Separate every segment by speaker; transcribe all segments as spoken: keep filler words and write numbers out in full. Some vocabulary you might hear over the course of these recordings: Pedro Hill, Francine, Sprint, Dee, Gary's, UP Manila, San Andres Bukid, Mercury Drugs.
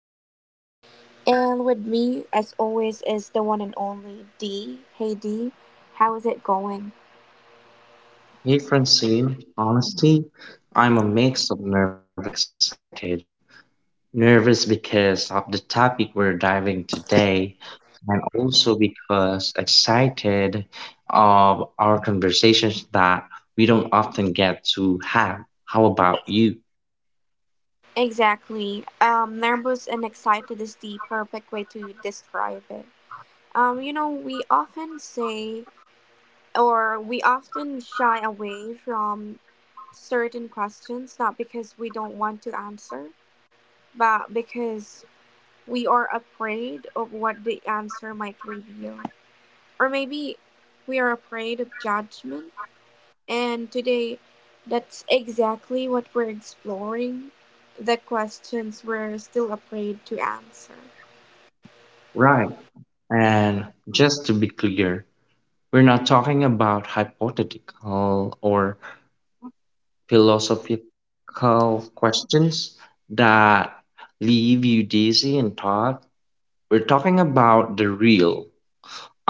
Speaker 1: host, and with me, as always, is the one and only Dee. Hey, Dee, how is it going?
Speaker 2: Hey Francine, honestly, I'm a mix of nervous and excited. Nervous because of the topic we're diving today, and also because excited of our conversations that we don't often get to have. How about you?
Speaker 1: Exactly. Um, nervous and excited is the perfect way to describe it. Um, you know, we often say, or we often shy away from certain questions, not because we don't want to answer, but because we are afraid of what the answer might reveal. Or maybe we are afraid of judgment. And today, that's exactly what we're exploring, the questions we're still afraid to answer.
Speaker 2: Right. And just to be clear, we're not talking about hypothetical or philosophical questions that leave you dizzy and thought. We're talking about the real,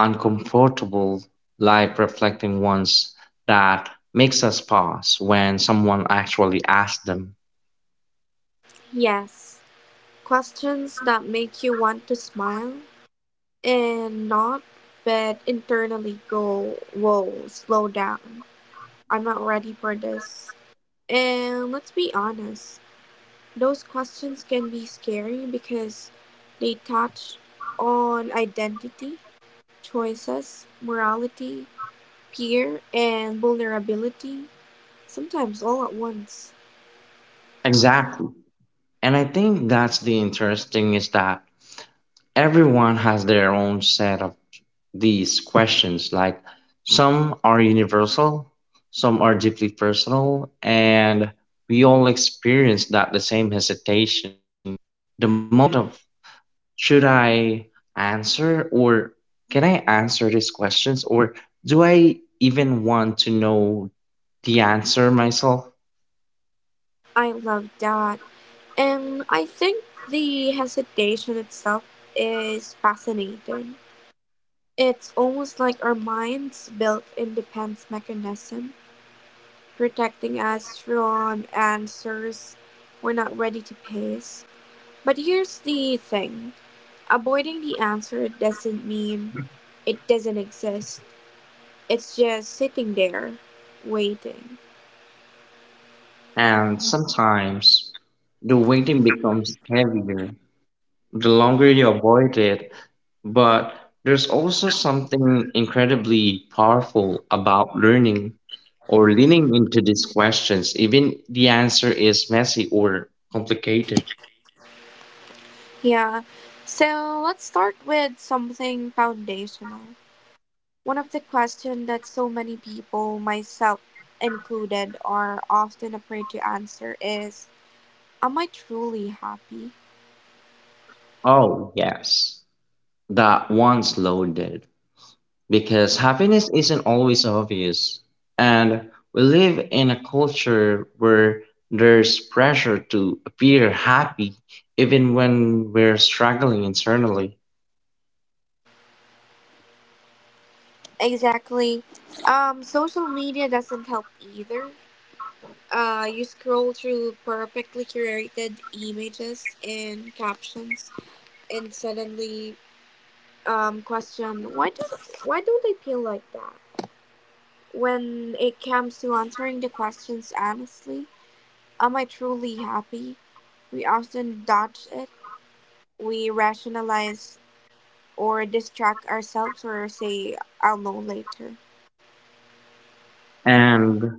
Speaker 2: uncomfortable, life reflecting ones that makes us pause when someone actually asks them.
Speaker 1: Yes, questions that make you want to smile and not, but internally go, whoa, slow down. I'm not ready for this. And let's be honest, those questions can be scary because they touch on identity, choices, morality, fear, and vulnerability, sometimes all at once.
Speaker 2: Exactly. And I think that's the interesting is that everyone has their own set of these questions. Like some are universal, some are deeply personal, and we all experience that the same hesitation. The moment of should I answer or can I answer these questions or do I even want to know the answer myself?
Speaker 1: I love that. And I think the hesitation itself is fascinating. It's almost like our minds built in defense mechanism, protecting us from answers we're not ready to face. But here's the thing. Avoiding the answer doesn't mean it doesn't exist. It's just sitting there, waiting.
Speaker 2: And sometimes the waiting becomes heavier. The longer you avoid it, but there's also something incredibly powerful about learning or leaning into these questions, even the answer is messy or complicated.
Speaker 1: Yeah, so let's start with something foundational. One of the questions that so many people, myself included, are often afraid to answer is, am I truly happy?
Speaker 2: Oh, yes, that once loaded. Because happiness isn't always obvious. And we live in a culture where there's pressure to appear happy even when we're struggling internally.
Speaker 1: Exactly. Um, social media doesn't help either. Uh, you scroll through perfectly curated images and captions and suddenly, um, question, why do why do they feel like that? When it comes to answering the questions honestly, am I truly happy? We often dodge it. We rationalize or distract ourselves or say I'll know later.
Speaker 2: And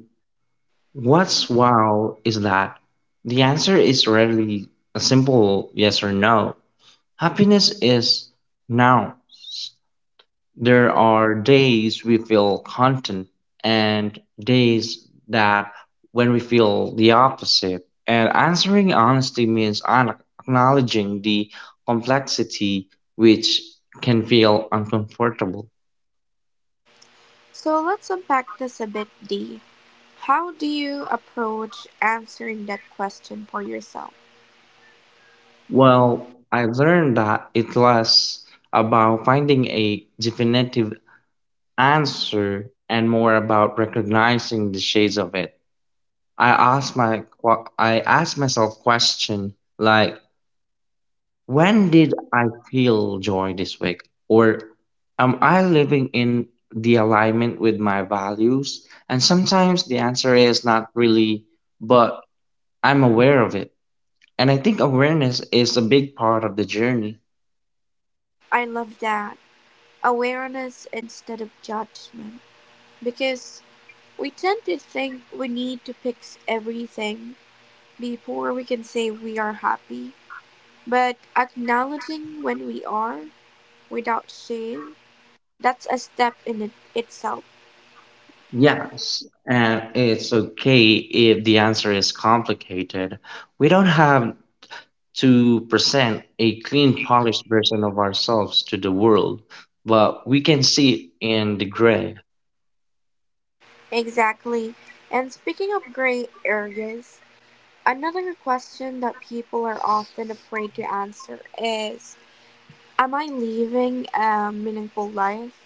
Speaker 2: what's wow is that the answer is rarely a simple yes or no. Happiness is now. There are days we feel content and days that when we feel the opposite. And answering honestly means an- acknowledging the complexity which can feel uncomfortable.
Speaker 1: So let's unpack this a bit, D. How do you approach answering that question for yourself?
Speaker 2: Well, I learned that it's less about finding a definitive answer and more about recognizing the shades of it. I ask my que- I ask myself question like when did I feel joy this week or am I living in the alignment with my values? And sometimes the answer is not really but I'm aware of it. And I think awareness is a big part of the journey.
Speaker 1: I love that. Awareness instead of judgment. Because we tend to think we need to fix everything before we can say we are happy, but acknowledging when we are without shame, that's a step in it itself.
Speaker 2: Yes, and it's okay if the answer is complicated. We don't have to present a clean, polished version of ourselves to the world, but we can see it in the gray.
Speaker 1: Exactly. And speaking of gray areas, another question that people are often afraid to answer is, am I living a meaningful life?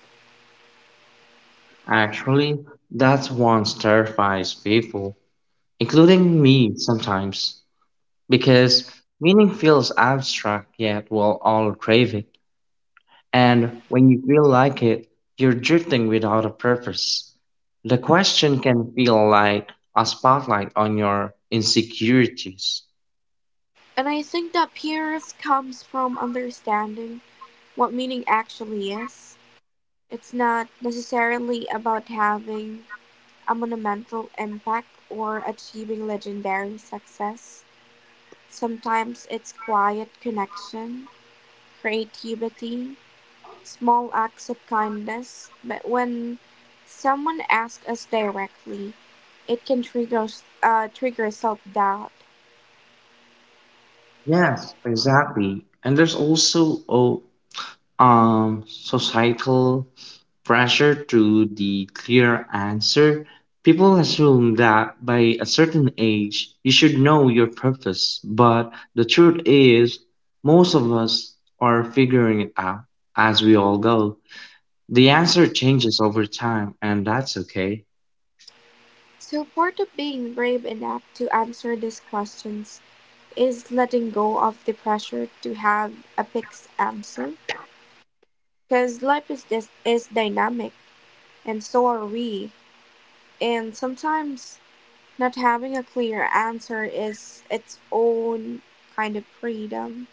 Speaker 2: Actually, that's what terrifies people, including me sometimes, because meaning feels abstract, yet we'll all crave it. And when you feel like it, you're drifting without a purpose. The question can feel like a spotlight on your insecurities.
Speaker 1: And I think that peers comes from understanding what meaning actually is. It's not necessarily about having a monumental impact or achieving legendary success. Sometimes it's quiet connection, creativity, small acts of kindness. But when someone asks us directly, it can trigger, uh, trigger self doubt.
Speaker 2: Yes, exactly. And there's also oh, um societal pressure to the clear answer. People assume that by a certain age you should know your purpose, but the truth is most of us are figuring it out as we all go. The answer changes over time and that's okay.
Speaker 1: So, part of being brave enough to answer these questions is letting go of the pressure to have a fixed answer, because life is just is dynamic, and so are we. And sometimes not having a clear answer is its own kind of freedom.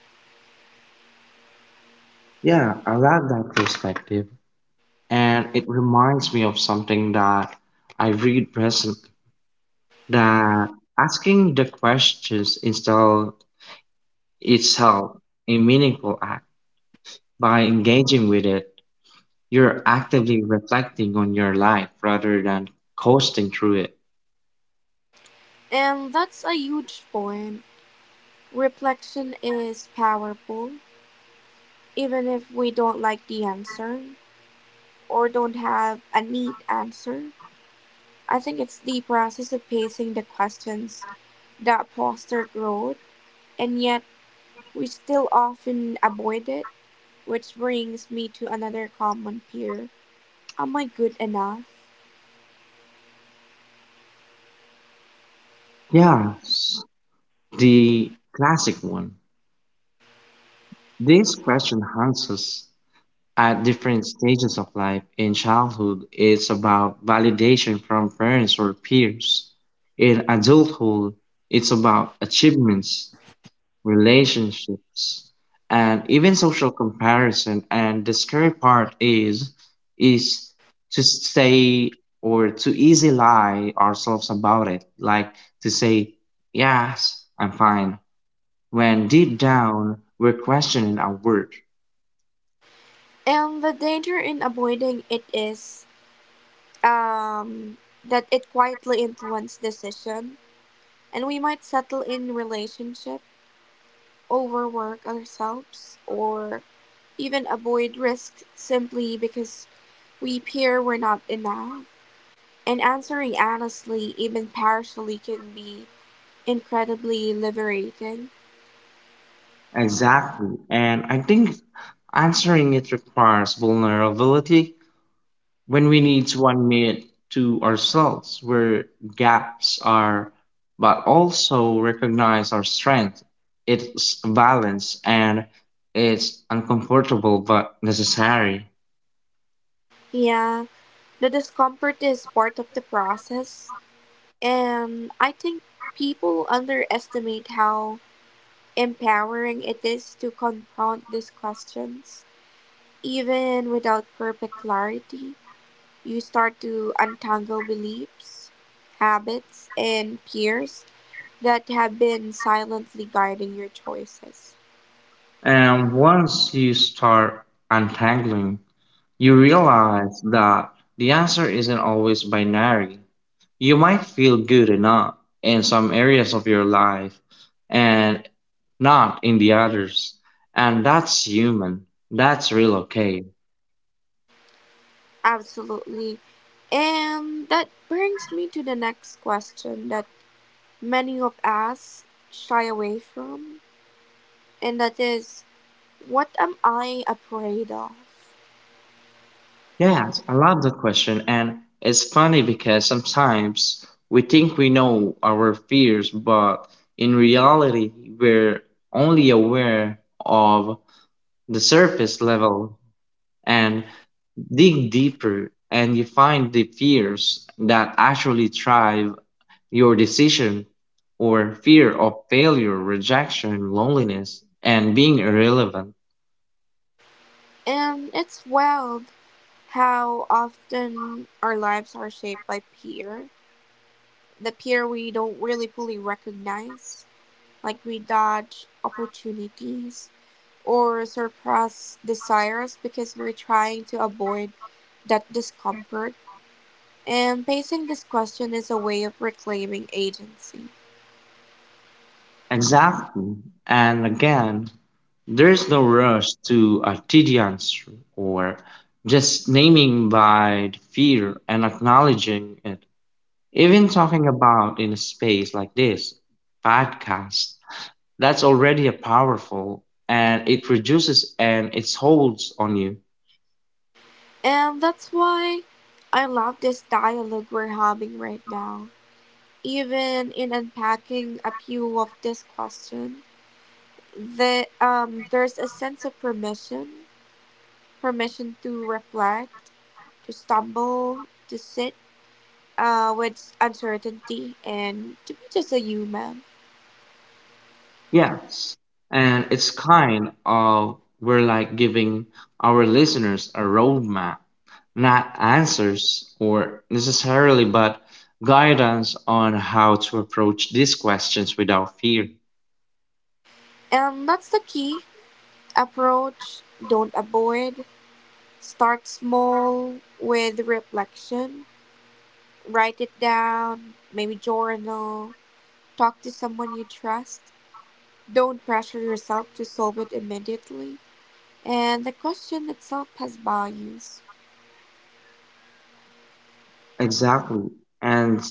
Speaker 2: Yeah, I love that perspective. And it reminds me of something that I read recently that asking the questions instead itself a meaningful act. By engaging with it, you're actively reflecting on your life rather than coasting through it.
Speaker 1: And that's a huge point. Reflection is powerful, even if we don't like the answer or don't have a neat answer. I think it's the process of pacing the questions that foster growth, and yet we still often avoid it. Which brings me to another common fear. Am I good enough?
Speaker 2: Yes, the classic one. This question haunts us at different stages of life. In childhood, it's about validation from parents or peers. In adulthood, it's about achievements relationships, and even social comparison. And the scary part is is to stay or to easy lie ourselves about it, like to say, yes, I'm fine, when deep down we're questioning our worth.
Speaker 1: And the danger in avoiding it is, um, that it quietly influences decision, and we might settle in relationship, overwork ourselves, or even avoid risk simply because we fear we're not enough. And answering honestly, even partially, can be incredibly liberating.
Speaker 2: Exactly. And I think answering it requires vulnerability when we need one minute to ourselves where gaps are, but also recognize our strength, its balance, and it's uncomfortable but necessary.
Speaker 1: Yeah, the discomfort is part of the process. Um, I think people underestimate how empowering it is to confront these questions. Even without perfect clarity, you start to untangle beliefs, habits, and peers that have been silently guiding your choices.
Speaker 2: And once you start untangling, you realize that the answer isn't always binary. You might feel good enough in some areas of your life and not in the others. And that's human. That's real okay.
Speaker 1: Absolutely. And that brings me to the next question that many of us shy away from, and that is, what am I afraid of?
Speaker 2: Yes, I love that question. And it's funny because sometimes we think we know our fears, but in reality, we're only aware of the surface level and dig deeper and you find the fears that actually thrive. Your decision or fear of failure, rejection, loneliness, and being irrelevant.
Speaker 1: And it's wild how often our lives are shaped by peer, the peer we don't really fully recognize. Like we dodge opportunities or suppress desires because we're trying to avoid that discomfort. And facing this question is a way of reclaiming agency.
Speaker 2: Exactly. And again, there's no rush to a tedious or just naming by the fear and acknowledging it. Even talking about in a space like this, podcast, that's already a powerful and it reduces and it holds on you.
Speaker 1: And that's why I love this dialogue we're having right now. Even in unpacking a few of this question. the um there's a sense of permission, permission to reflect, to stumble, to sit, uh with uncertainty, and to be just a human.
Speaker 2: Yes, and it's kind of we're like giving our listeners a roadmap, not answers or necessarily, but guidance on how to approach these questions without fear.
Speaker 1: And that's the key, approach, don't avoid, start small with reflection, write it down, maybe journal, talk to someone you trust, don't pressure yourself to solve it immediately, and the question itself has values.
Speaker 2: Exactly. And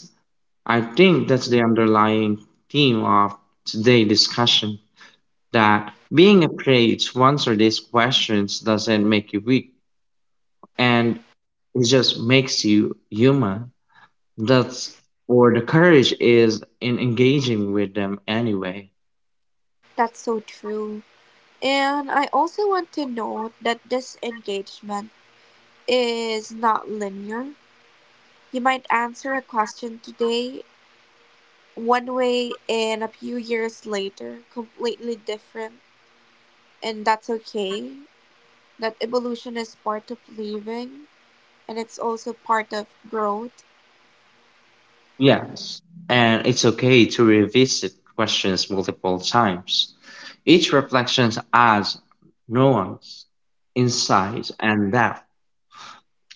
Speaker 2: I think that's the underlying theme of today's discussion that being afraid to answer these questions doesn't make you weak and it just makes you human. That's or the courage is in engaging with them anyway.
Speaker 1: That's so true. And I also want to note that this engagement is not linear. You might answer a question today one way and a few years later completely different, and that's okay. That evolution is part of living and it's also part of growth.
Speaker 2: Yes. And it's okay to revisit questions multiple times. Each reflection adds nuance, insight, and depth.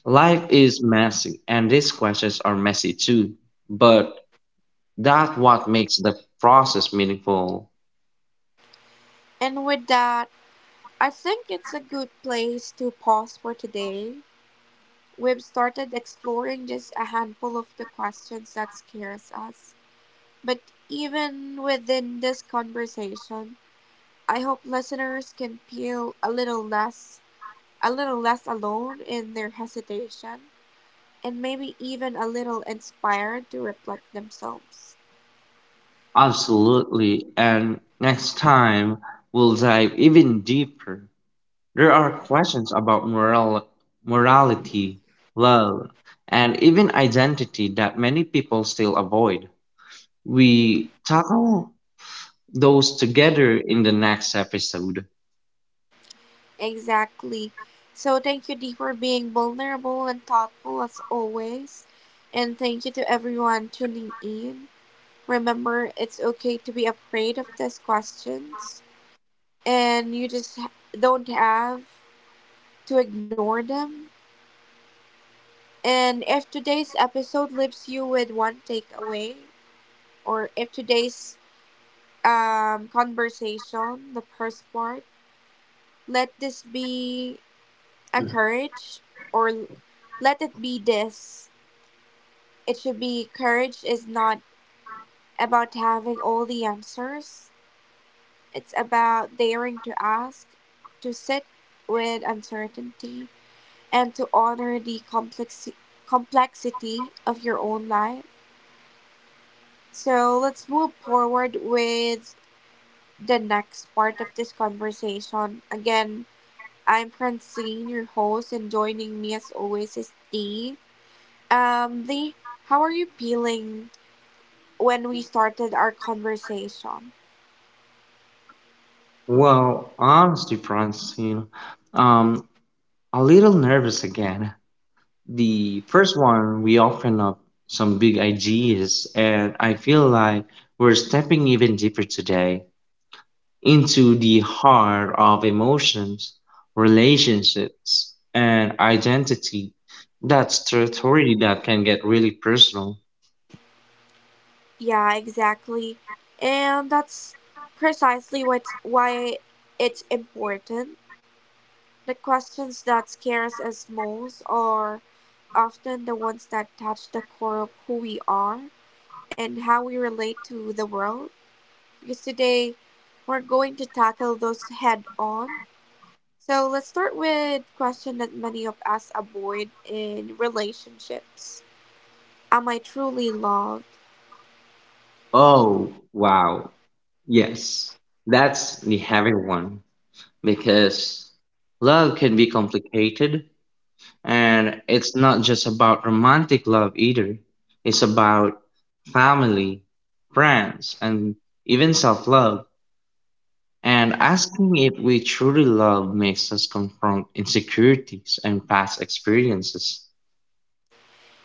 Speaker 2: Life is messy, and these questions are messy too. But that's what makes the process meaningful.
Speaker 1: And with that, I think it's a good place to pause for today. We've started exploring just a handful of the questions that scares us. But even within this conversation, I hope listeners can feel a little less a little less alone in their hesitation and maybe even a little inspired to reflect themselves.
Speaker 2: Absolutely. And next time, we'll dive even deeper. There are questions about moral, morality, love, and even identity that many people still avoid. We tackle those together in the next episode.
Speaker 1: Exactly. So thank you, Dee, for being vulnerable and thoughtful as always. And thank you to everyone tuning in. Remember, it's okay to be afraid of these questions and you just ha- don't have to ignore them. And if today's episode leaves you with one takeaway, or if today's um, conversation, the first part, let this be a courage, or l- let it be this. It should be courage is not about having all the answers, it's about daring to ask, to sit with uncertainty, and to honor the complexi- complexity of your own life. So let's move forward with the next part of this conversation. Again, I'm Francine, your host, and joining me as always is Dee. Um, Dee, how are you feeling when we started our conversation?
Speaker 2: Well, honestly, Francine, um, a little nervous again. The first one, we open up some big ideas, and I feel like we're stepping even deeper today, into the heart of emotions, relationships, and identity. That's territory that can get really personal.
Speaker 1: Yeah, exactly. And that's precisely what's why it's important. The questions that scares us most are often the ones that touch the core of who we are and how we relate to the world, because today we're going to tackle those head on. So let's start with a question that many of us avoid in relationships. Am I truly loved?
Speaker 2: Oh, wow. Yes, that's the heavy one because love can be complicated and it's not just about romantic love either. It's about family, friends, and even self love. And asking if we truly love makes us confront insecurities and past experiences.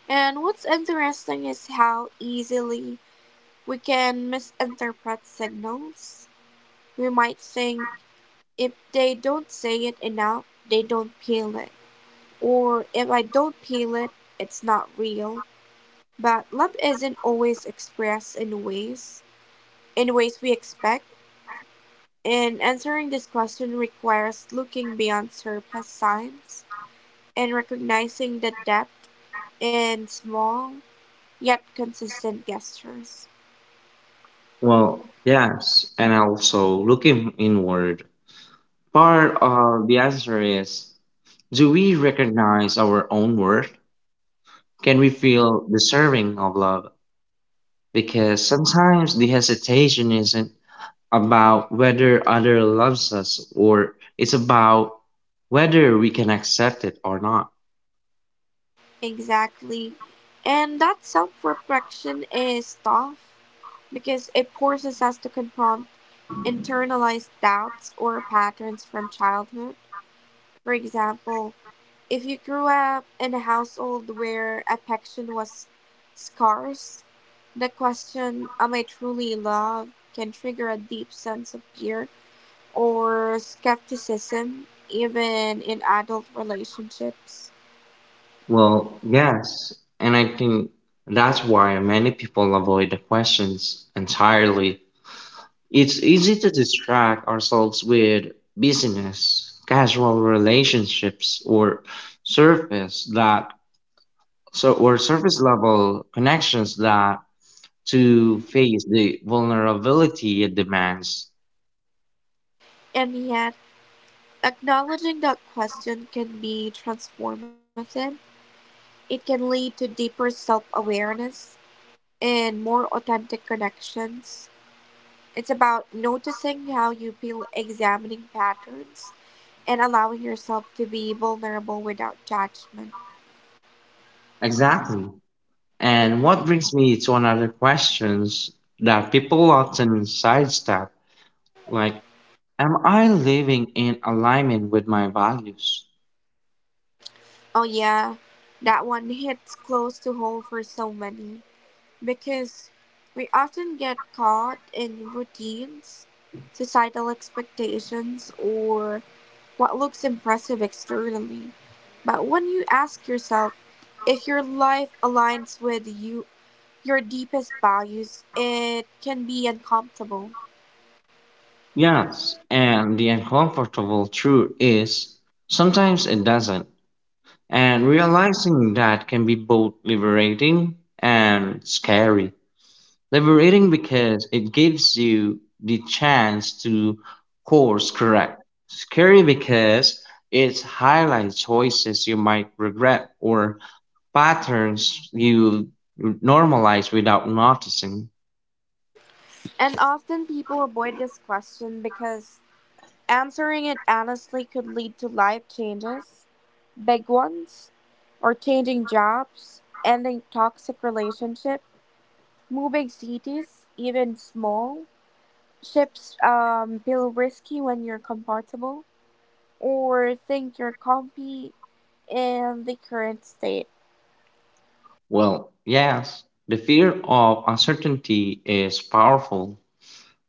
Speaker 1: And what's interesting is how easily we can misinterpret signals. We might think if they don't say it enough, they don't feel it. Or if I don't feel it, it's not real. But love isn't always expressed in ways, in ways we expect, and answering this question requires looking beyond surface signs and recognizing the depth in small yet consistent gestures.
Speaker 2: Well, yes, and also looking inward. Part of the answer is do we recognize our own worth? Can we feel deserving of love? Because sometimes the hesitation isn't about whether other loves us or it's about whether we can accept it or not.
Speaker 1: Exactly. And that self-reflection is tough because it forces us to confront internalized doubts or patterns from childhood. For example, if you grew up in a household where affection was scarce, the question, am I truly loved? Can trigger a deep sense of fear or skepticism, even in adult relationships.
Speaker 2: Well, yes, and I think that's why many people avoid the questions entirely. It's easy to distract ourselves with business, casual relationships, or surface that so or surface level connections that to face the vulnerability it demands.
Speaker 1: And yet, acknowledging that question can be transformative. It can lead to deeper self awareness and more authentic connections. It's about noticing how you feel, examining patterns and allowing yourself to be vulnerable without judgment.
Speaker 2: Exactly. And what brings me to another questions that people often sidestep, like am I living in alignment with my values?
Speaker 1: Oh, yeah, that one hits close to home for so many because we often get caught in routines, societal expectations, or what looks impressive externally. But when you ask yourself if your life aligns with you, your deepest values, it can be uncomfortable.
Speaker 2: Yes, and the uncomfortable truth is sometimes it doesn't. And realizing that can be both liberating and scary. Liberating because it gives you the chance to course correct. Scary because it highlights choices you might regret or patterns you normalize without noticing.
Speaker 1: And often people avoid this question because answering it honestly could lead to life changes, big ones, or changing jobs, ending toxic relationships, moving cities, even small. Ships um, feel risky when you're comfortable or think you're comfy in the current state.
Speaker 2: Well, yes, the fear of uncertainty is powerful,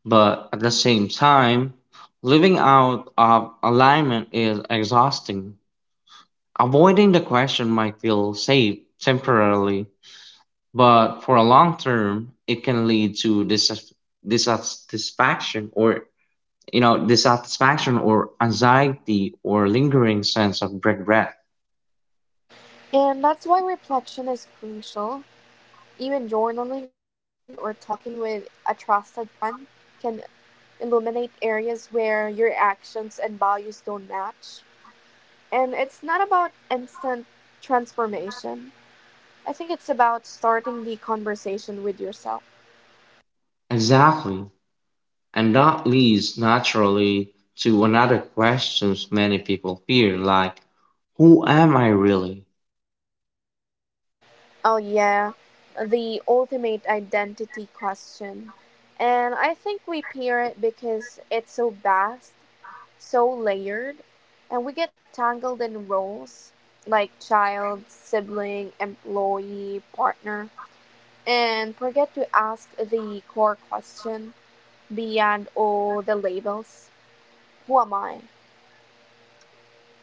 Speaker 2: but at the same time, living out of alignment is exhausting. Avoiding the question might feel safe temporarily, but for a long term, it can lead to dis- dissatisfaction or you know dissatisfaction or anxiety or lingering sense of regret.
Speaker 1: And that's why reflection is crucial. Even journaling or talking with a trusted friend can illuminate areas where your actions and values don't match. And it's not about instant transformation. I think it's about starting the conversation with yourself.
Speaker 2: Exactly. And that leads naturally to another questions many people fear, like, who am I really?
Speaker 1: Oh, yeah, the ultimate identity question. And I think we peer it because it's so vast, so layered, and we get tangled in roles like child, sibling, employee, partner, and forget to ask the core question beyond all the labels. Who am I?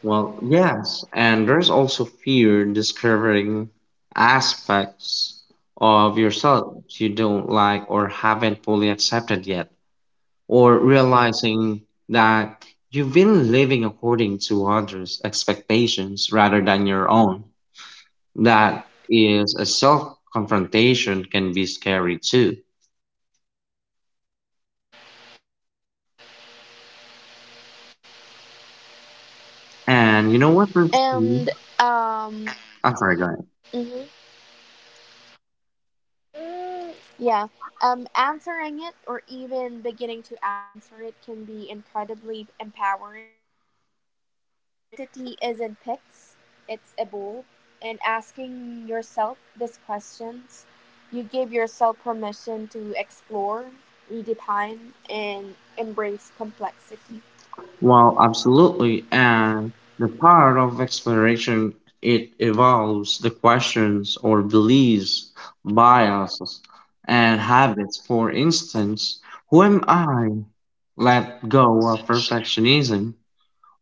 Speaker 2: Well, yes, and there's also fear discovering aspects of yourself you don't like or haven't fully accepted yet, or realizing that you've been living according to others' expectations rather than your own. That is a self confrontation can be scary too. And you know what brings me?
Speaker 1: And um
Speaker 2: I forgot.
Speaker 1: mhm. Yeah. Um answering it or even beginning to answer it can be incredibly empowering. Identity isn't pics, it's a bowl, and asking yourself these questions, you give yourself permission to explore, redefine, and embrace complexity.
Speaker 2: Well, absolutely. And the part of exploration, it evolves the questions or beliefs, biases, and habits. For instance, who am I? Let go of perfectionism.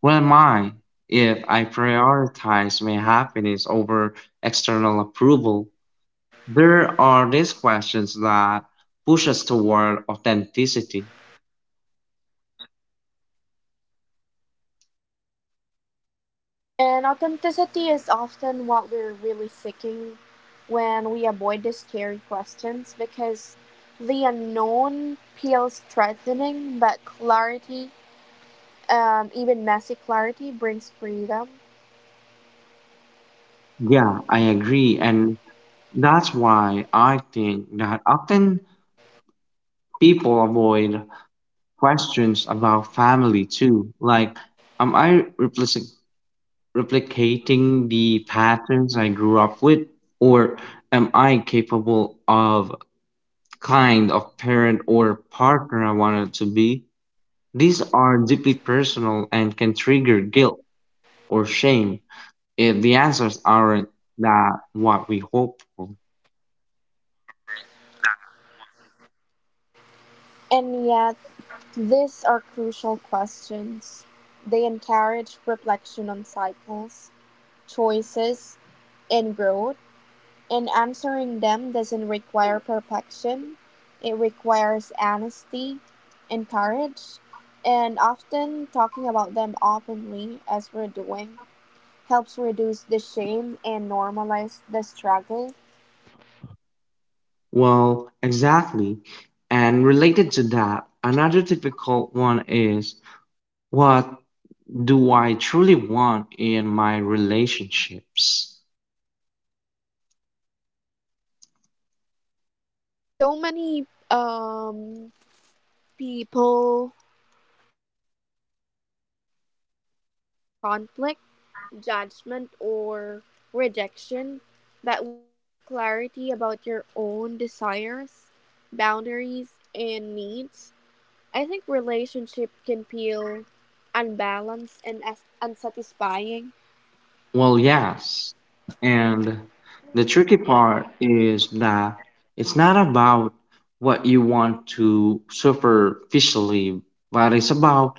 Speaker 2: Who am I if I prioritize my happiness over external approval? There are these questions that push us toward authenticity.
Speaker 1: And authenticity is often what we're really seeking when we avoid the scary questions, because the unknown feels threatening, but clarity, um, even messy clarity, brings freedom.
Speaker 2: Yeah, I agree. And that's why I think that often people avoid questions about family too. Like, am I replic- replicating the patterns I grew up with? Or am I capable of kind of parent or partner I wanted to be? These are deeply personal and can trigger guilt or shame if the answers aren't that what we hope for.
Speaker 1: And yet, these are crucial questions. They encourage reflection on cycles, choices, and growth. And answering them doesn't require perfection. It requires honesty and courage. And often talking about them openly, as we're doing, helps reduce the shame and normalize the struggle.
Speaker 2: Well, exactly. And related to that, another difficult one is what do I truly want in my relationships?
Speaker 1: Yes, so many um, people avoid that question because they fear conflict, judgment, or rejection, but without clarity about your own desires, boundaries, and needs, I think relationship can feel unbalanced and as unsatisfying.
Speaker 2: Well, yes. And the tricky part is that it's not about what you want to superficially, but it's about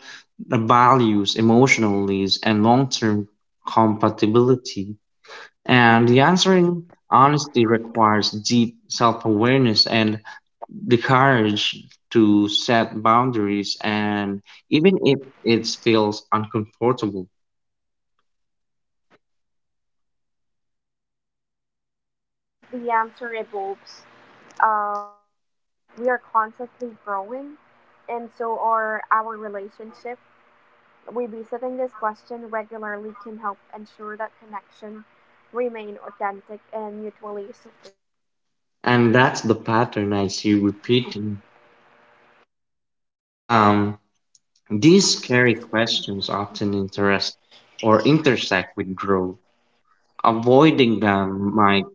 Speaker 2: the values, emotionally, and long term compatibility. And the answering honesty requires deep self awareness and the courage to set boundaries, and even if it feels uncomfortable.
Speaker 1: And it's okay if the answer evolves. Um, we are constantly growing, and so are our relationship. Revisiting this question regularly can help ensure that connection remain authentic and mutually supportive.
Speaker 2: And that's the pattern I see repeating. Um, these scary questions often interest or intersect with growth. Avoiding them might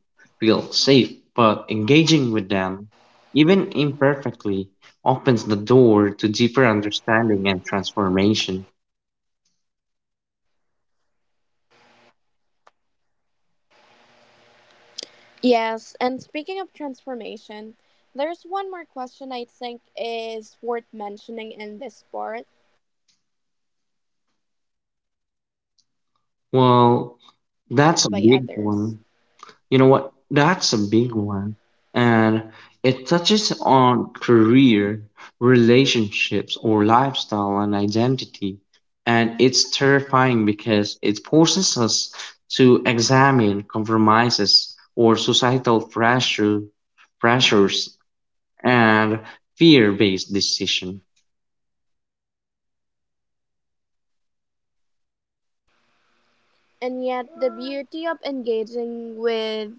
Speaker 2: feel safe, but engaging with them, even imperfectly, opens the door to deeper understanding and transformation.
Speaker 1: Yes, and speaking of transformation, there's one more question I think is worth mentioning in this part. Am I living a life true to myself or
Speaker 2: Well,
Speaker 1: one
Speaker 2: that's a
Speaker 1: dictated
Speaker 2: big
Speaker 1: by
Speaker 2: one.
Speaker 1: others?
Speaker 2: You know what? That's a big one. And it touches on career, relationships, or lifestyle and identity. And it's terrifying because it forces us to examine compromises or societal pressure, pressures and fear based decision.
Speaker 1: And yet, the beauty of engaging with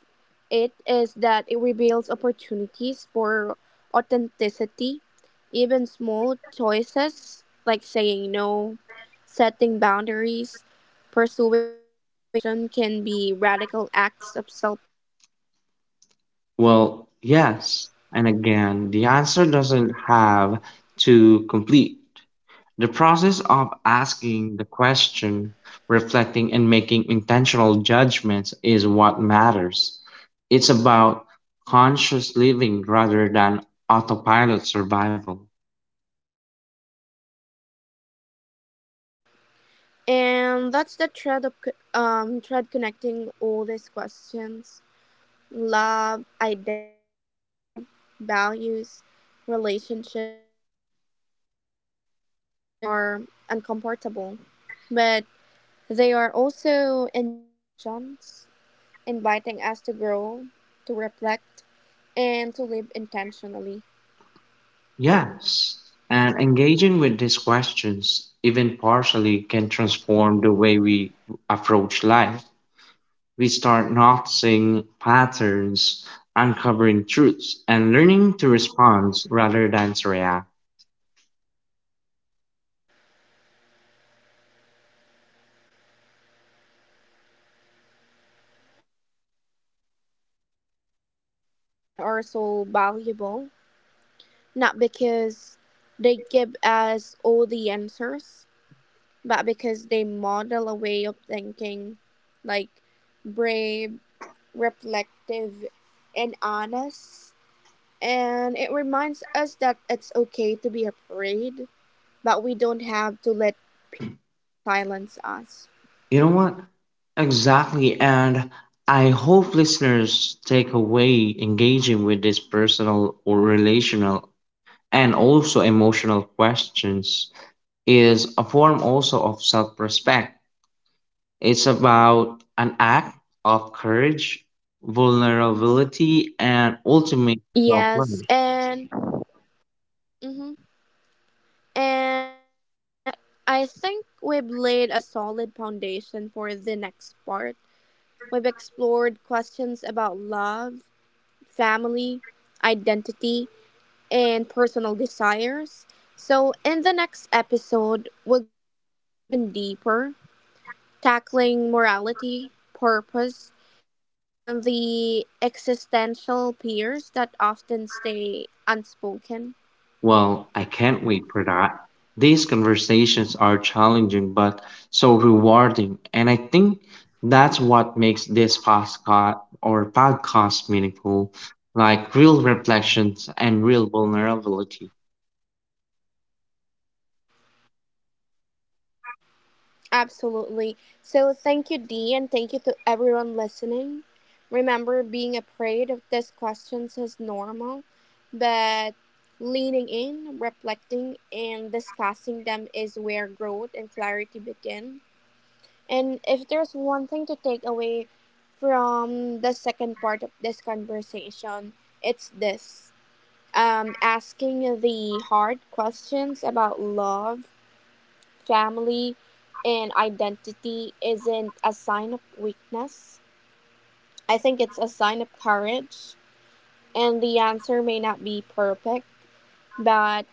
Speaker 1: it is that it reveals opportunities for authenticity. Even small choices like saying no, setting boundaries, pursuing a passion can be radical acts of self alignment.
Speaker 2: Well, yes. And again, the answer doesn't have to complete. The process of asking the question, reflecting, and making intentional judgments is what matters. It's about conscious living rather than autopilot survival.
Speaker 1: And that's the thread of co- um thread connecting all these questions: love, identity, values, relationships. We avoid them because they are uncomfortable, but they are also invitations, inviting us to grow, to reflect, and to live intentionally.
Speaker 2: Yes, and engaging with these questions, even partially, can transform the way we approach life. We start noticing patterns, uncovering truths, and learning to respond rather than to react.
Speaker 1: And that's why these conversations are so valuable, not because they give us all the answers, but because they model a way of thinking, like, brave, reflective, and honest. And it reminds us that it's okay to be afraid, but we don't have to let fear silence us.
Speaker 2: You know what? Exactly. And I hope listeners take away engaging with these personal or relational and also emotional questions is a form also of self respect. It's about an act of courage, vulnerability, and ultimate self love.
Speaker 1: Yes, and. Mhm. And with that, I think we've laid a solid foundation for the next part. We've explored questions about love, family, identity, and personal desires. So, in the next episode, we'll go even deeper, tackling morality, purpose, and the existential fears that often stay unspoken.
Speaker 2: Well, I can't wait for that. These conversations are challenging but so rewarding, and I think that's what makes this podcast or podcast meaningful, like real reflections and real vulnerability.
Speaker 1: Absolutely. So thank you, Dee, and thank you to everyone listening. Remember, being afraid of these questions is normal, but leaning in, reflecting, and discussing them is where growth and clarity begin. And if there's one thing to take away from the second part of this conversation, it's this um, asking the hard questions about love, family and identity isn't a sign of weakness. I think it's a sign of courage. And the answer may not be perfect, but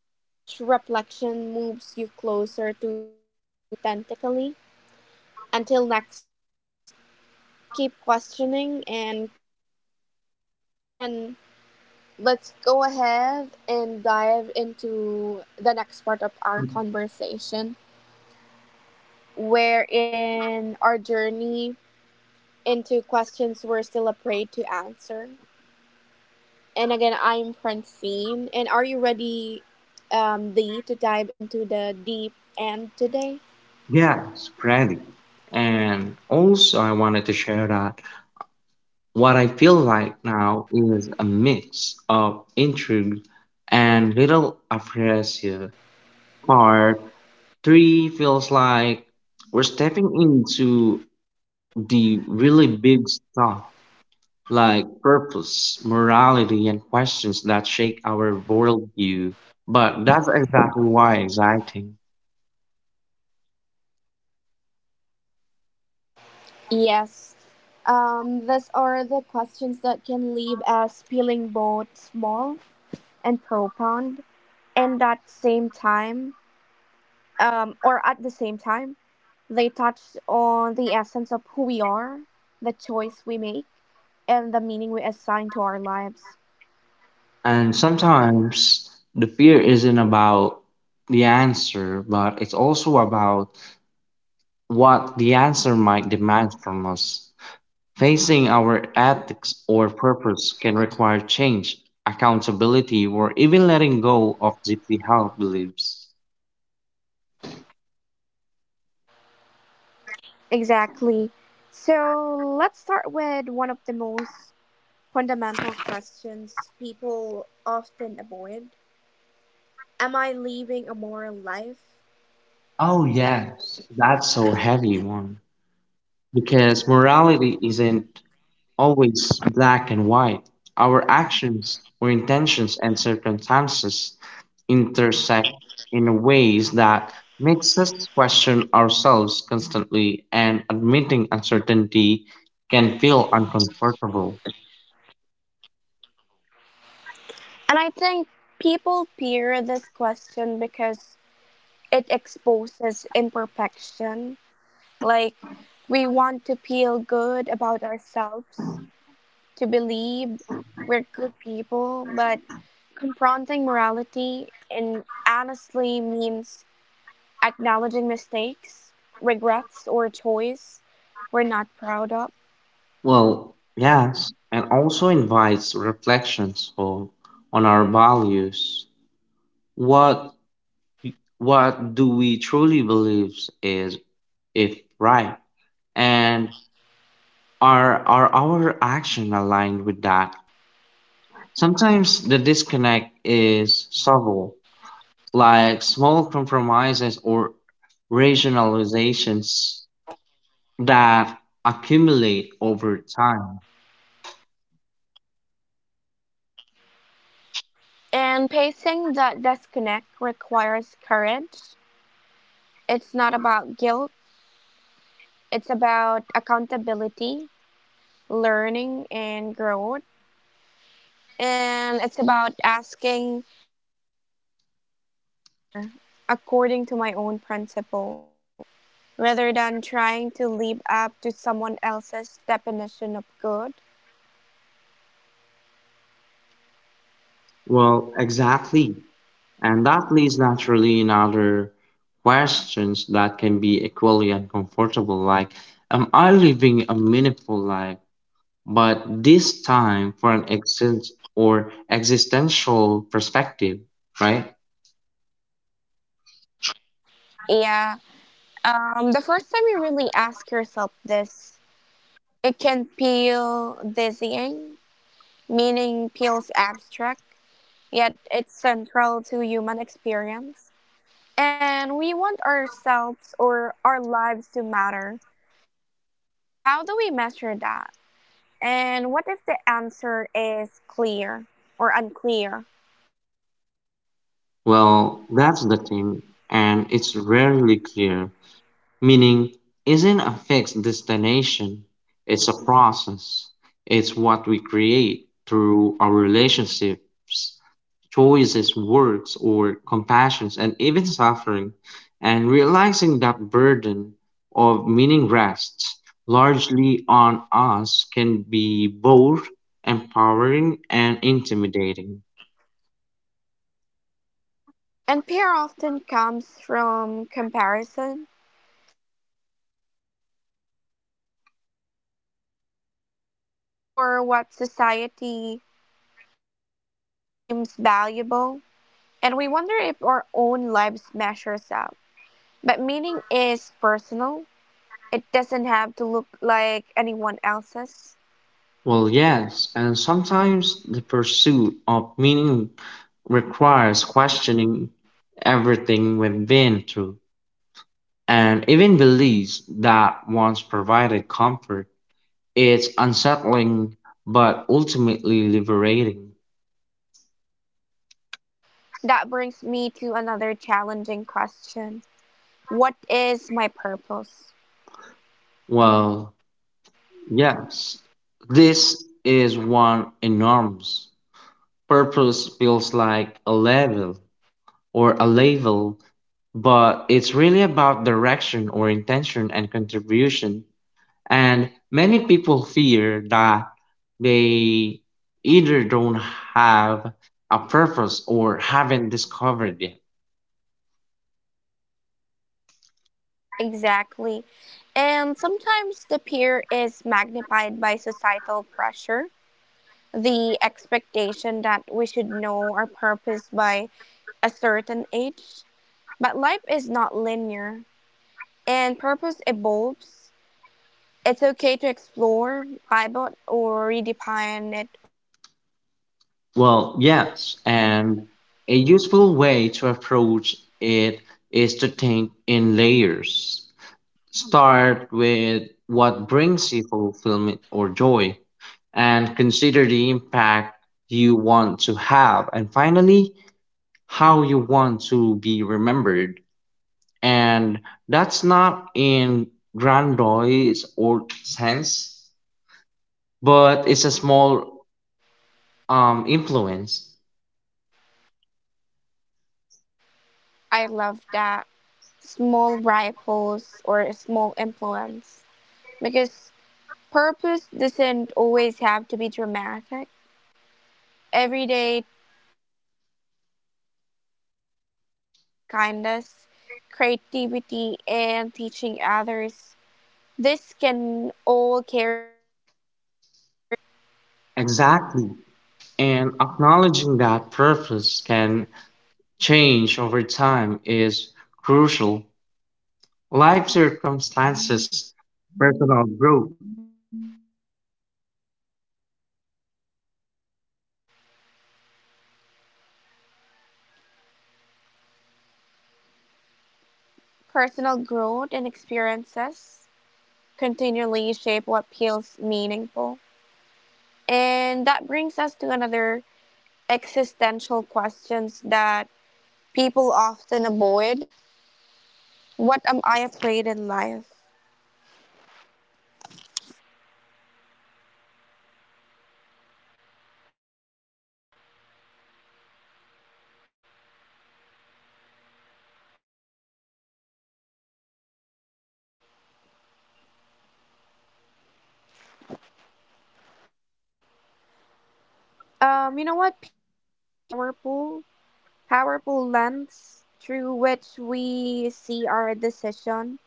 Speaker 1: each reflection moves you closer to living authentically. Until next time, keep questioning and keep listening. But then let's go ahead and dive into the next part of our conversation, wherein our journey into questions we're still afraid to answer. And again, I'm Francine. And are you ready, um, Lee, to dive into the deep end today?
Speaker 2: Yes, Freddy. And also, I wanted to share that what I feel like now is a mix of intrigue and little appreciation for Three feels like we're stepping into the really big stuff like purpose, morality, and questions that shake our worldview. But that's exactly why it's exciting.
Speaker 1: Yes. Um, these are the questions that can leave us feeling both small and profound. And at same time, um, or at the same time, they touch on the essence of who we are, the choice we make, and the meaning we assign to our lives.
Speaker 2: And sometimes the fear isn't about the answer, but it's also about what the answer might demand from us. Facing our ethics or purpose can require change, accountability, or even letting go of deeply held beliefs.
Speaker 1: Exactly. So let's start with one of the most fundamental questions people often avoid. Am I living a moral life?
Speaker 2: Oh, yes, that's a heavy one. Because morality isn't always black and white. Our actions or intentions and circumstances intersect in ways that makes us question ourselves constantly and admitting uncertainty can feel uncomfortable.
Speaker 1: And I think people fear this question because it exposes imperfection. Like, we want to feel good about ourselves, to believe we're good people, but confronting morality and honestly means acknowledging mistakes, regrets, or choice we're not proud of.
Speaker 2: Well, yes, and also invites reflections on, on our values. What what do we truly believe is if right? And are are our action aligned with that? Sometimes the disconnect is subtle, like small compromises or rationalizations that accumulate over time.
Speaker 1: And pacing that disconnect requires courage. It's not about guilt, it's about accountability, learning, and growth. And it's about asking, how can I live better according to my own principles, rather than trying to live up to someone else's definition of good?
Speaker 2: Well, exactly. And that leads naturally in other questions that can be equally uncomfortable, like, am I living a meaningful life, but this time for an exist or existential perspective, right?
Speaker 1: Yeah. Um, the first time you really ask yourself this, it can feel dizzying, meaning feels abstract, yet it's central to human experience. And we want ourselves or our lives to matter. But how do we measure that? And what if the answer is clear or unclear?
Speaker 2: Well, that's the thing, and it's rarely clear. Meaning isn't a fixed destination. It's a process. It's what we create through our relationships, choices, works, or compassions, and even suffering. And realizing that burden of meaning rests largely on us can be both empowering and intimidating.
Speaker 1: And fear often comes from comparison. We see others' accomplishments, their contributions, or what society deems valuable. And we wonder if our own lives measures up. But meaning is personal, it doesn't have to look like anyone else's.
Speaker 2: Well, yes, and sometimes the pursuit of meaning requires questioning everything we've been through and even beliefs that once provided comfort. It's unsettling but ultimately liberating.
Speaker 1: That brings me to another challenging question. What is my purpose?
Speaker 2: Well, yes, this is one enormous. Purpose feels like a level or a label, but it's really about direction or intention and contribution. And many people fear that they either don't have a purpose or haven't discovered it.
Speaker 1: Exactly. And sometimes the peer is magnified by societal pressure, the expectation that we should know our purpose by a certain age. But life is not linear, and purpose evolves. It's okay to explore, pivot, or redefine it over time.
Speaker 2: Well, yes, and a useful way to approach it is to think in layers. Start with what brings you fulfillment or joy, and consider the impact you want to have, and finally, how you want to be remembered. And that's not in grandiose or sense, but it's a small um, influence.
Speaker 1: I love that, small ripples or small influence, because purpose doesn't always have to be dramatic. Everyday um, choices, acts of kindness, creativity, and teaching others. This can all carry deep purpose.
Speaker 2: Exactly. And acknowledging that purpose can change over time is...
Speaker 1: Personal growth and experiences continually shape what feels meaningful. And that brings us to another existential questions that people often avoid. What am I afraid in life? Um, you know what? Fear is powerful, powerful lens through which we see our decision,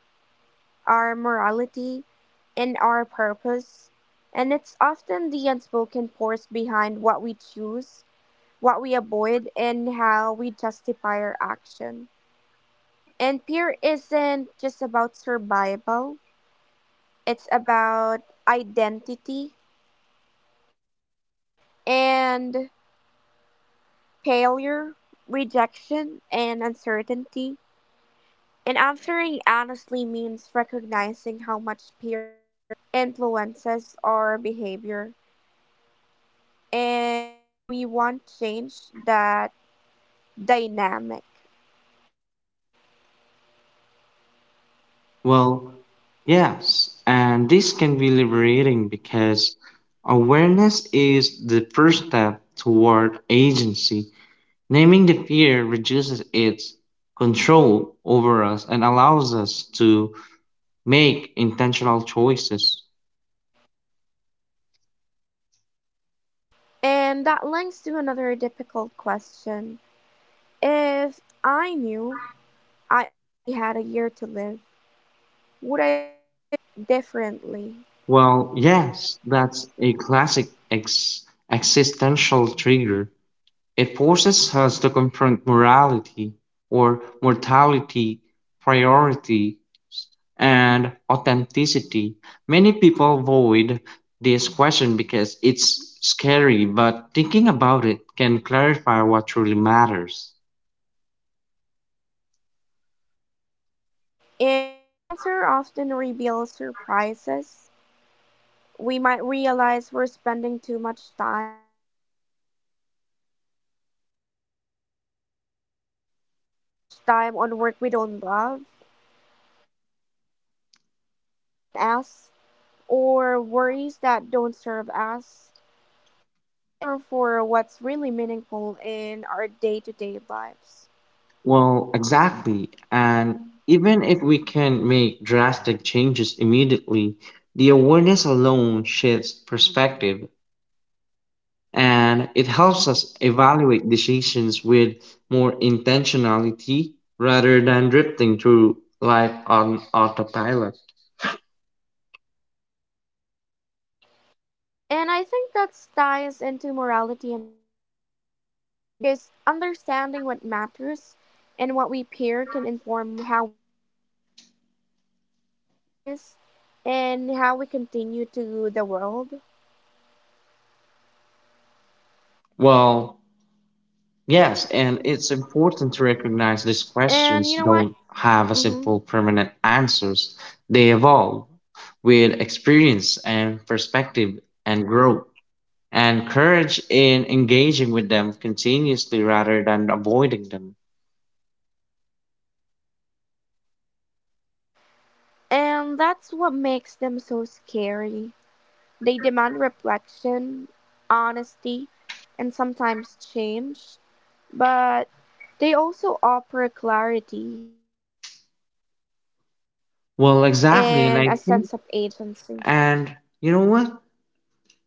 Speaker 1: our morality, and our purpose. And it's often the unspoken force behind what we choose, what we avoid, and how we justify our action. And peer isn't just about survival, it's about identity and failure, rejection, and uncertainty. And answering honestly means recognizing how much peer influences our behavior and whether we want change that dynamic.
Speaker 2: Well, yes, and this can be liberating because awareness is the first step toward agency. Naming the fear reduces its control over us and allows us to make intentional choices.
Speaker 1: And that links to another difficult question. If I knew I only had a year to live, would I live differently?
Speaker 2: Well, yes, that's a classic ex- existential trigger. It forces us to confront morality or mortality priority and authenticity. Many people avoid this question because it's scary, but thinking about it can clarify what truly matters.
Speaker 1: And the answer often reveals surprises. We might realize we're spending too much time on work, or we are spending too much time on work we don't love, relationship that drain us, or worries that don't serve us. It's a mirror for what's really meaningful in our day to day lives.
Speaker 2: Well, exactly. And even if we can make drastic changes immediately, the awareness alone shifts perspective and it helps us evaluate decisions with more intentionality rather than drifting through life on autopilot.
Speaker 1: And I think that ties into morality and purpose too, because understanding what matters and what we peer can inform how we act, what we prioritize, and how we continue to the world.
Speaker 2: Well, yes, and it's important to recognize these
Speaker 1: And you
Speaker 2: questions
Speaker 1: know what?
Speaker 2: don't have a
Speaker 1: Hmm.
Speaker 2: simple permanent answers. They evolve with experience and perspective and growth and courage in engaging with them continuously rather than avoiding them.
Speaker 1: And that's what makes them so scary. They demand reflection, honesty, and sometimes change, but they also offer clarity, growth,
Speaker 2: Well, exactly, and
Speaker 1: and
Speaker 2: I
Speaker 1: a
Speaker 2: think,
Speaker 1: sense of agency.
Speaker 2: and you know what?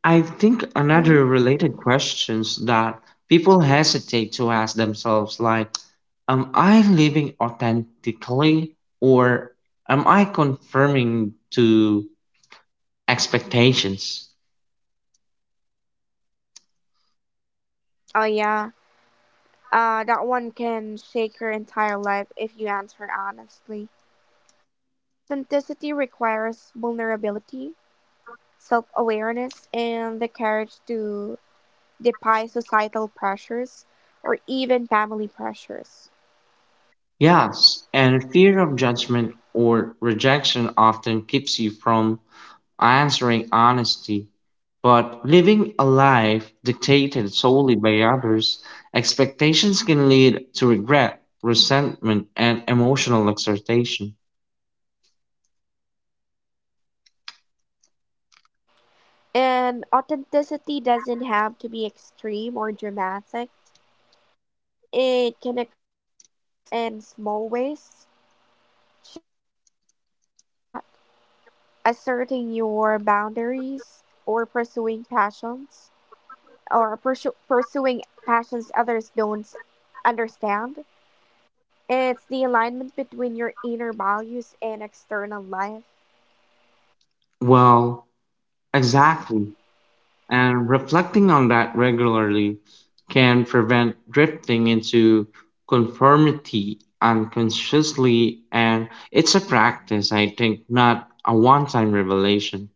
Speaker 2: I think
Speaker 1: Hmm.
Speaker 2: another related questions that people hesitate to ask themselves like am I living authentically or am I conforming to expectations?
Speaker 1: Oh yeah, uh, that one can shake your entire life if you answer honestly. Authenticity requires vulnerability, self-awareness, and the courage to defy societal pressures or even family pressures.
Speaker 2: Yes, and fear of judgment or rejection often keeps you from answering honestly. But living a life dictated solely by others' expectations can lead to regret, resentment, and emotional exhortation.
Speaker 1: And authenticity doesn't have to be extreme or dramatic. It can express in small ways, choosing your own career path, asserting your boundaries or pursuing passions or pursu- pursuing passions others don't understand. It's the alignment between your inner values and external life.
Speaker 2: Well, exactly. And reflecting on that regularly can prevent drifting into conformity unconsciously, and it's a practice, I think, not a one time revelation.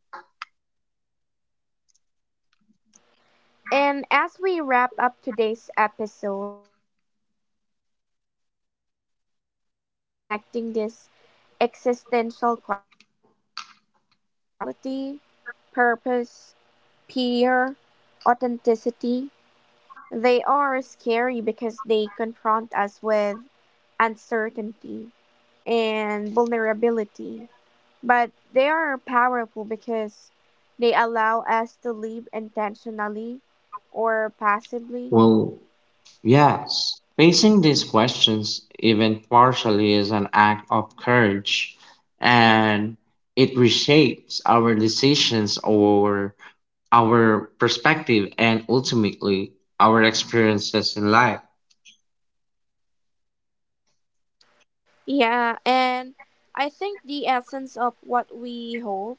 Speaker 1: And as we wrap up today's episode, I want to highlight the thread connecting these existential questions: morality, purpose, peer, authenticity. They are scary because they confront us with uncertainty and vulnerability, but they are powerful because they allow us to live intentionally or passively.
Speaker 2: Well, yes, facing these questions, even partially, is an act of courage and it reshapes our decisions or our perspective and ultimately our experiences in life.
Speaker 1: Yeah, and I think the essence of what we hope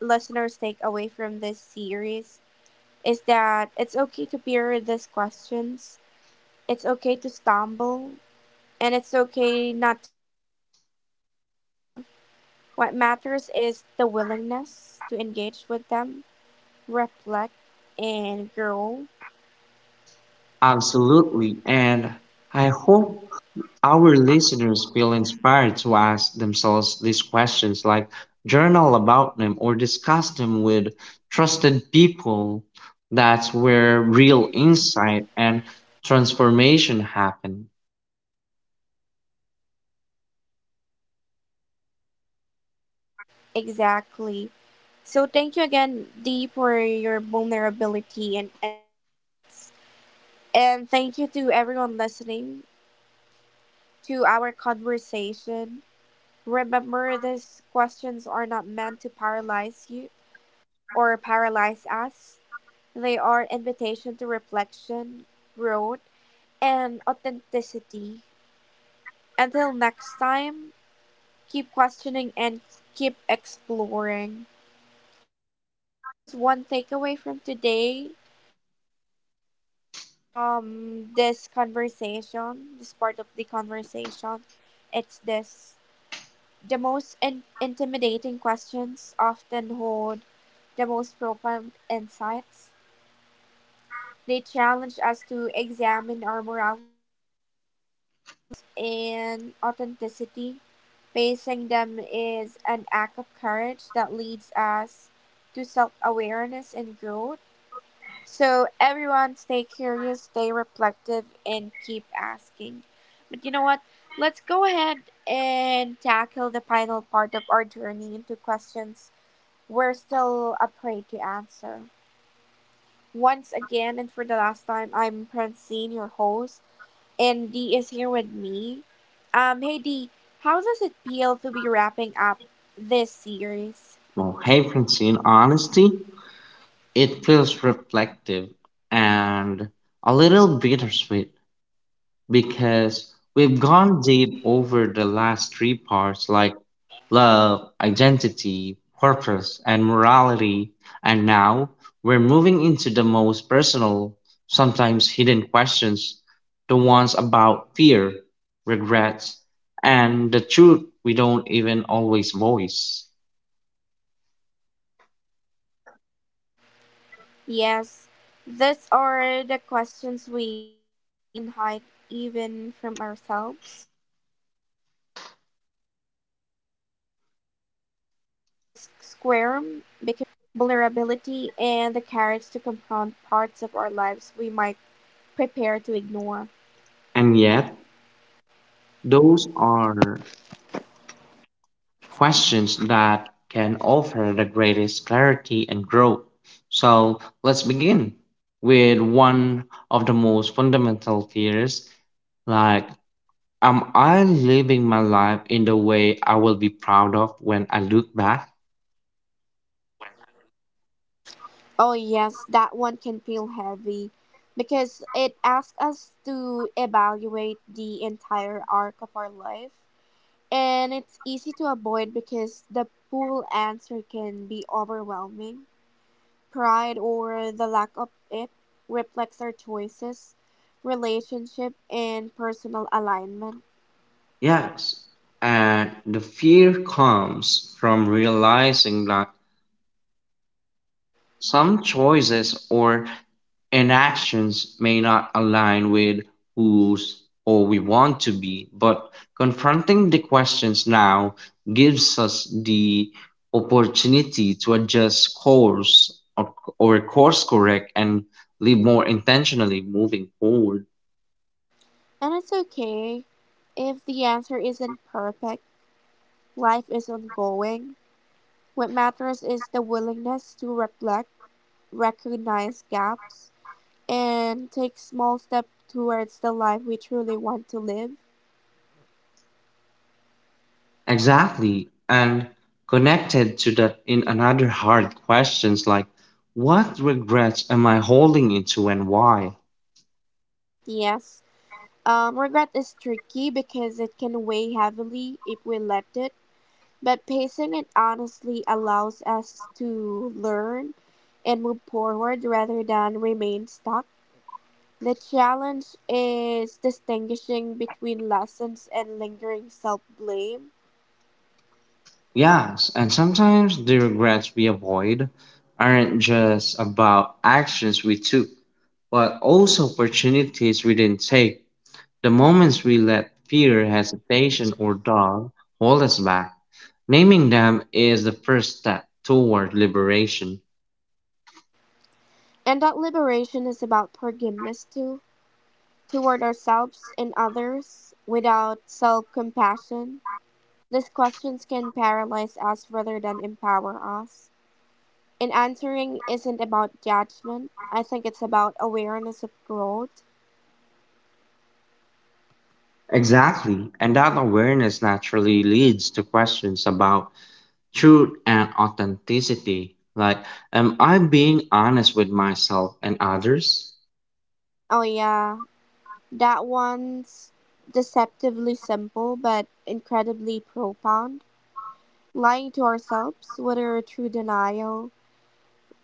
Speaker 1: listeners take away from this series is that it's okay to hear these questions, it's okay to stumble, and it's okay not to have a perfect answer. What matters is the willingness to engage with them, reflect, and grow.
Speaker 2: Absolutely. And I hope our listeners feel inspired to ask themselves these questions, like journal about them or discuss them with trusted people. That's where real insight and transformation happen.
Speaker 1: Exactly. So, thank you again, Dee, for your vulnerability and insights. And thank you to everyone listening to our conversation. Remember, these questions are not meant to paralyze you or paralyze us, they are invitation to reflection, growth, and authenticity. Until next time, keep questioning and keep exploring. And if there's one takeaway from today, or from this conversation, this part of the conversation, it's this. The most in- intimidating questions often hold the most profound insights. They challenge us to examine our morality, purpose and authenticity. Facing them is an act of courage that leads us to self awareness and growth. So, everyone, stay curious, stay reflective, and keep asking. But you know what? Let's go ahead and tackle the final part of our journey into questions we're still afraid to answer. Once again, and for the last time, I'm Francine, your host, and Dee is here with me. Um, hey Dee, how does it feel to be wrapping up this series?
Speaker 2: Well, hey, Francine, honesty, it feels reflective and a little bittersweet. Because we've gone deep over the last three parts like love, identity, purpose, and morality, and now we're moving into the most personal, sometimes hidden questions the ones about fear, regrets, and the truth we don't even always voice.
Speaker 1: Yes, these are the questions we often hide even from ourselves. They make us squirm because answering them requires honesty, vulnerability, and the courage to confront parts of our lives we might prepare to ignore.
Speaker 2: And yet, those are questions that can offer the greatest clarity and growth. So let's begin with one of the most fundamental fears like, am I living my life in the way I will be proud of when I look back?
Speaker 1: Oh, yes, that one can feel heavy because it asks us to evaluate the entire arc of our life. And it's easy to avoid because the full answer can be overwhelming. Pride, or the lack of it, reflects our choices, relationship, and personal alignment.
Speaker 2: Yes. And the fear comes from realizing that some choices or inactions may not align with who's or we want to be, but confronting the questions now gives us the opportunity to adjust course or, or course correct and live more intentionally moving forward.
Speaker 1: And it's okay if the answer isn't perfect, life is ongoing. What matters is the willingness to reflect, recognize gaps, and take small steps towards the life we truly want to live.
Speaker 2: Exactly. And connected to that in another hard questions like what regrets am I holding into and why?
Speaker 1: Yes, um, regret is tricky because it can weigh heavily if we let it, but pacing it honestly allows us to learn and move forward rather than remain stuck. The challenge is distinguishing between lessons and lingering self blame.
Speaker 2: Yes, and sometimes the regrets we avoid aren't just about actions we took, but also opportunities we didn't take, the moments we let fear, hesitation, or doubt hold us back. Naming them is the first step toward liberation.
Speaker 1: And that liberation is about forgiveness too, toward ourselves and others. Without self compassion, these questions can paralyze us rather than empower us. And answering isn't about judgment, I think it's about awareness of growth.
Speaker 2: Exactly, and that awareness naturally leads to questions about truth and authenticity, like, am I being honest with myself and others?
Speaker 1: Oh, yeah, that one's deceptively simple but incredibly profound. Lying to ourselves, whether through denial,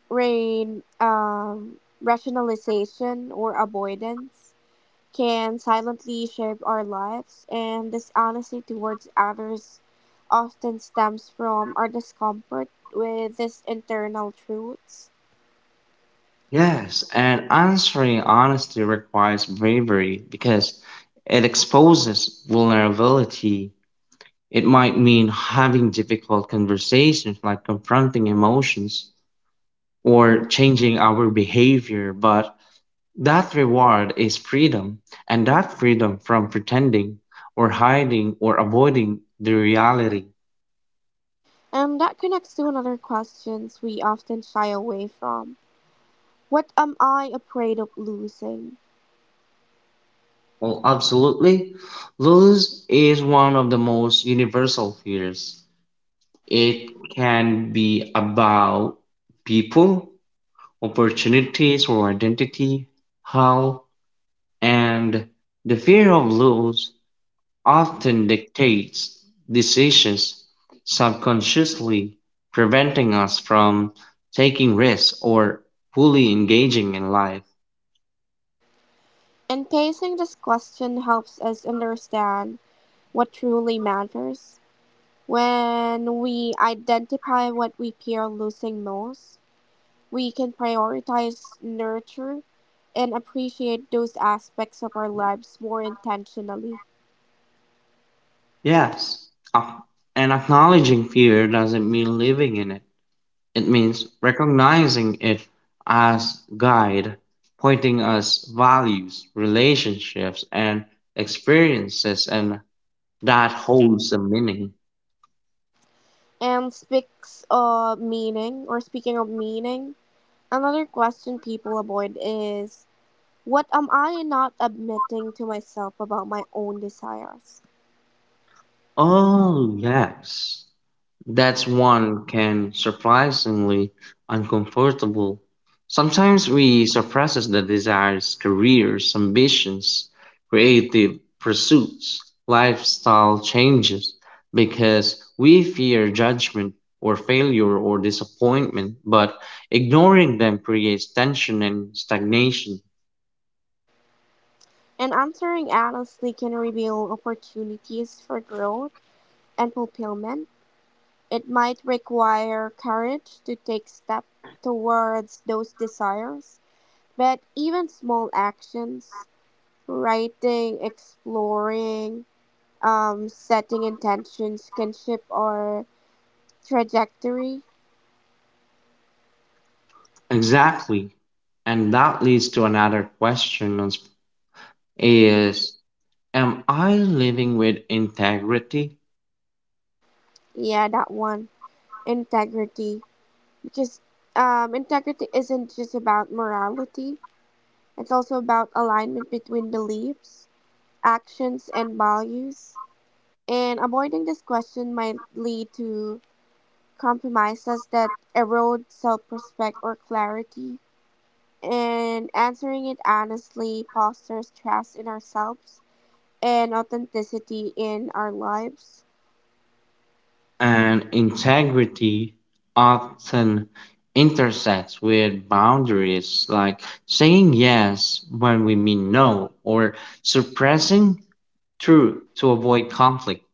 Speaker 1: rain, um, rationalization, or avoidance can silently shape our lives, and this honesty towards others often stems from our discomfort with these internal truths.
Speaker 2: Yes, and answering honestly requires bravery because it exposes vulnerability. It might mean having difficult conversations like confronting emotions or changing our behavior, but that reward is freedom, and that freedom from pretending or hiding or avoiding the reality.
Speaker 1: And that connects to another questions we often shy away from. What am I afraid of losing?
Speaker 2: Well, absolutely. Lose is one of the most universal fears. It can be about people, opportunities, or identity, health, and the fear of loss often dictates decisions subconsciously, preventing us from taking risks or fully engaging in life.
Speaker 1: And pacing this question helps us understand what truly matters. When we identify what we fear losing most, we can prioritize, nurture and appreciate those aspects of our lives more intentionally.
Speaker 2: Yes, ac- and acknowledging fear doesn't mean living in it. It means recognizing it as guide, pointing us values, relationships, and experiences, and that holds a meaning.
Speaker 1: And speaks of meaning, or speaking of meaning, another question people avoid is, what am I not admitting to myself about my own desires?
Speaker 2: Oh yes. That's one can surprisingly uncomfortable. Sometimes we suppresses the desires, careers, ambitions, creative pursuits, lifestyle changes because we fear judgment or failure or disappointment, but ignoring them creates tension and stagnation.
Speaker 1: And answering honestly can reveal opportunities for growth and fulfillment. It might require courage to take steps towards those desires, but even small actions, writing, exploring, um, setting intentions, kinship or trajectory.
Speaker 2: Exactly. And that leads to another question on sp- is am I living with integrity?
Speaker 1: Yeah, that one. Integrity. Because um, integrity isn't just about morality, it's also about alignment between beliefs, actions, and values. And avoiding this question might lead to compromises that erode self respect or clarity. And answering it honestly fosters trust in ourselves and authenticity in our lives.
Speaker 2: And integrity often intersects with boundaries like saying yes when we mean no or suppressing truth to avoid conflict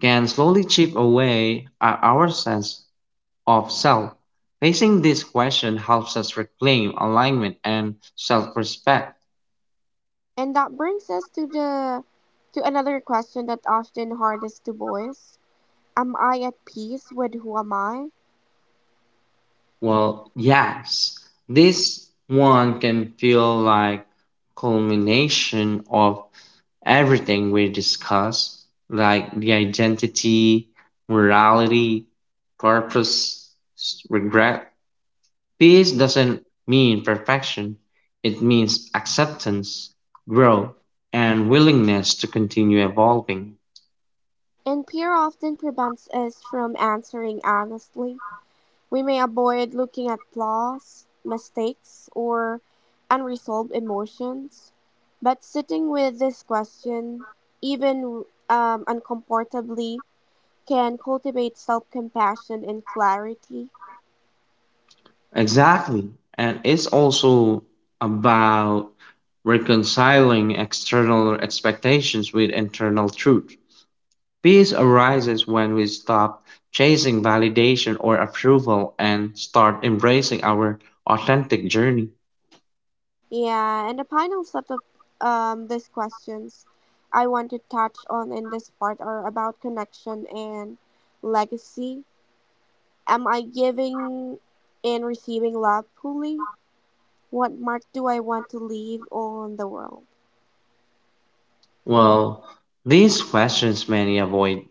Speaker 2: can slowly chip away at our sense of self. Facing this question helps us reclaim alignment and self respect.
Speaker 1: And that brings us to the to another question that often hardest to voice. Am I at peace with who am I?
Speaker 2: Well, yes, this one can feel like culmination of everything we discuss, like the identity, morality, purpose, regret. Peace doesn't mean perfection, it means acceptance, growth, and willingness to continue evolving.
Speaker 1: And fear often prevents us from answering honestly. We may avoid looking at flaws, mistakes, or unresolved emotions. But sitting with this question, even um, uncomfortably, can cultivate self compassion and clarity.
Speaker 2: Exactly. And it's also about reconciling external expectations with internal truth. Peace arises when we stop chasing validation or approval and start embracing our authentic journey.
Speaker 1: Yeah, and the final set of um, these questions I want to touch on in this part are about connection and legacy. Am I giving and receiving love fully? What mark do I want to leave on the world?
Speaker 2: Well, these questions many avoid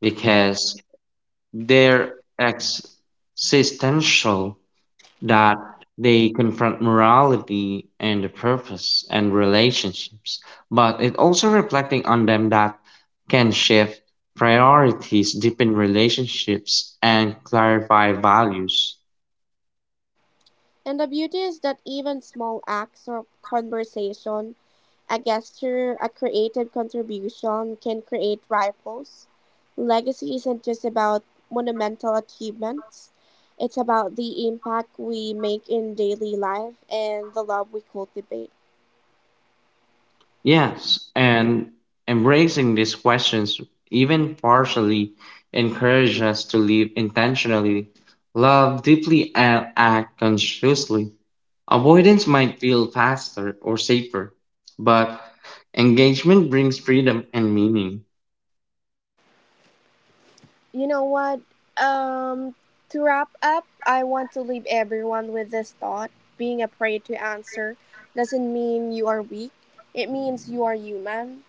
Speaker 2: because they're existential that they confront morality and the purpose and relationships, but it also reflecting on them that can shift priorities, deepen relationships, and clarify values.
Speaker 1: And the beauty is that even small acts of conversation, a gesture, a creative contribution can create ripples. Legacy isn't just about monumental achievements, it's about the impact we make in daily life and the love we cultivate.
Speaker 2: Yes, and embracing these questions, even partially, encourages us to live intentionally, love deeply, and act consciously. Avoidance might feel faster or safer, but engagement brings freedom and meaning.
Speaker 1: You know what? Um, to wrap up, I want to leave everyone with this thought, being afraid to answer doesn't mean you are weak, it means you are human.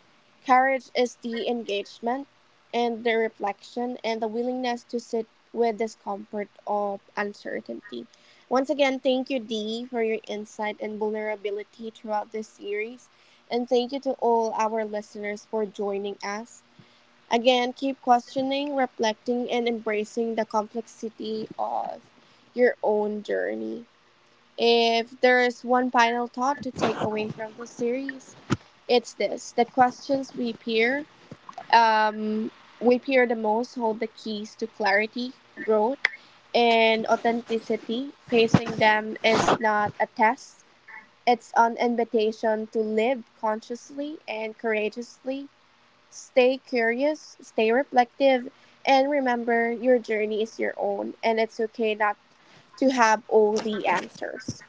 Speaker 1: Courage is the engagement and the reflection and the willingness to sit with discomfort of uncertainty. Once again, thank you, Dee, for your insight and vulnerability throughout this series. And thank you to all our listeners for joining us. Again, keep questioning, reflecting, and embracing the complexity of your own journey. If there is one final thought to take away from this series, it's this, the questions we peer, um, we peer the most hold the keys to clarity, growth, and authenticity. Facing them is not a test, it's an invitation to live consciously and courageously. Stay curious, stay reflective, and remember your journey is your own, and it's okay not to have all the answers.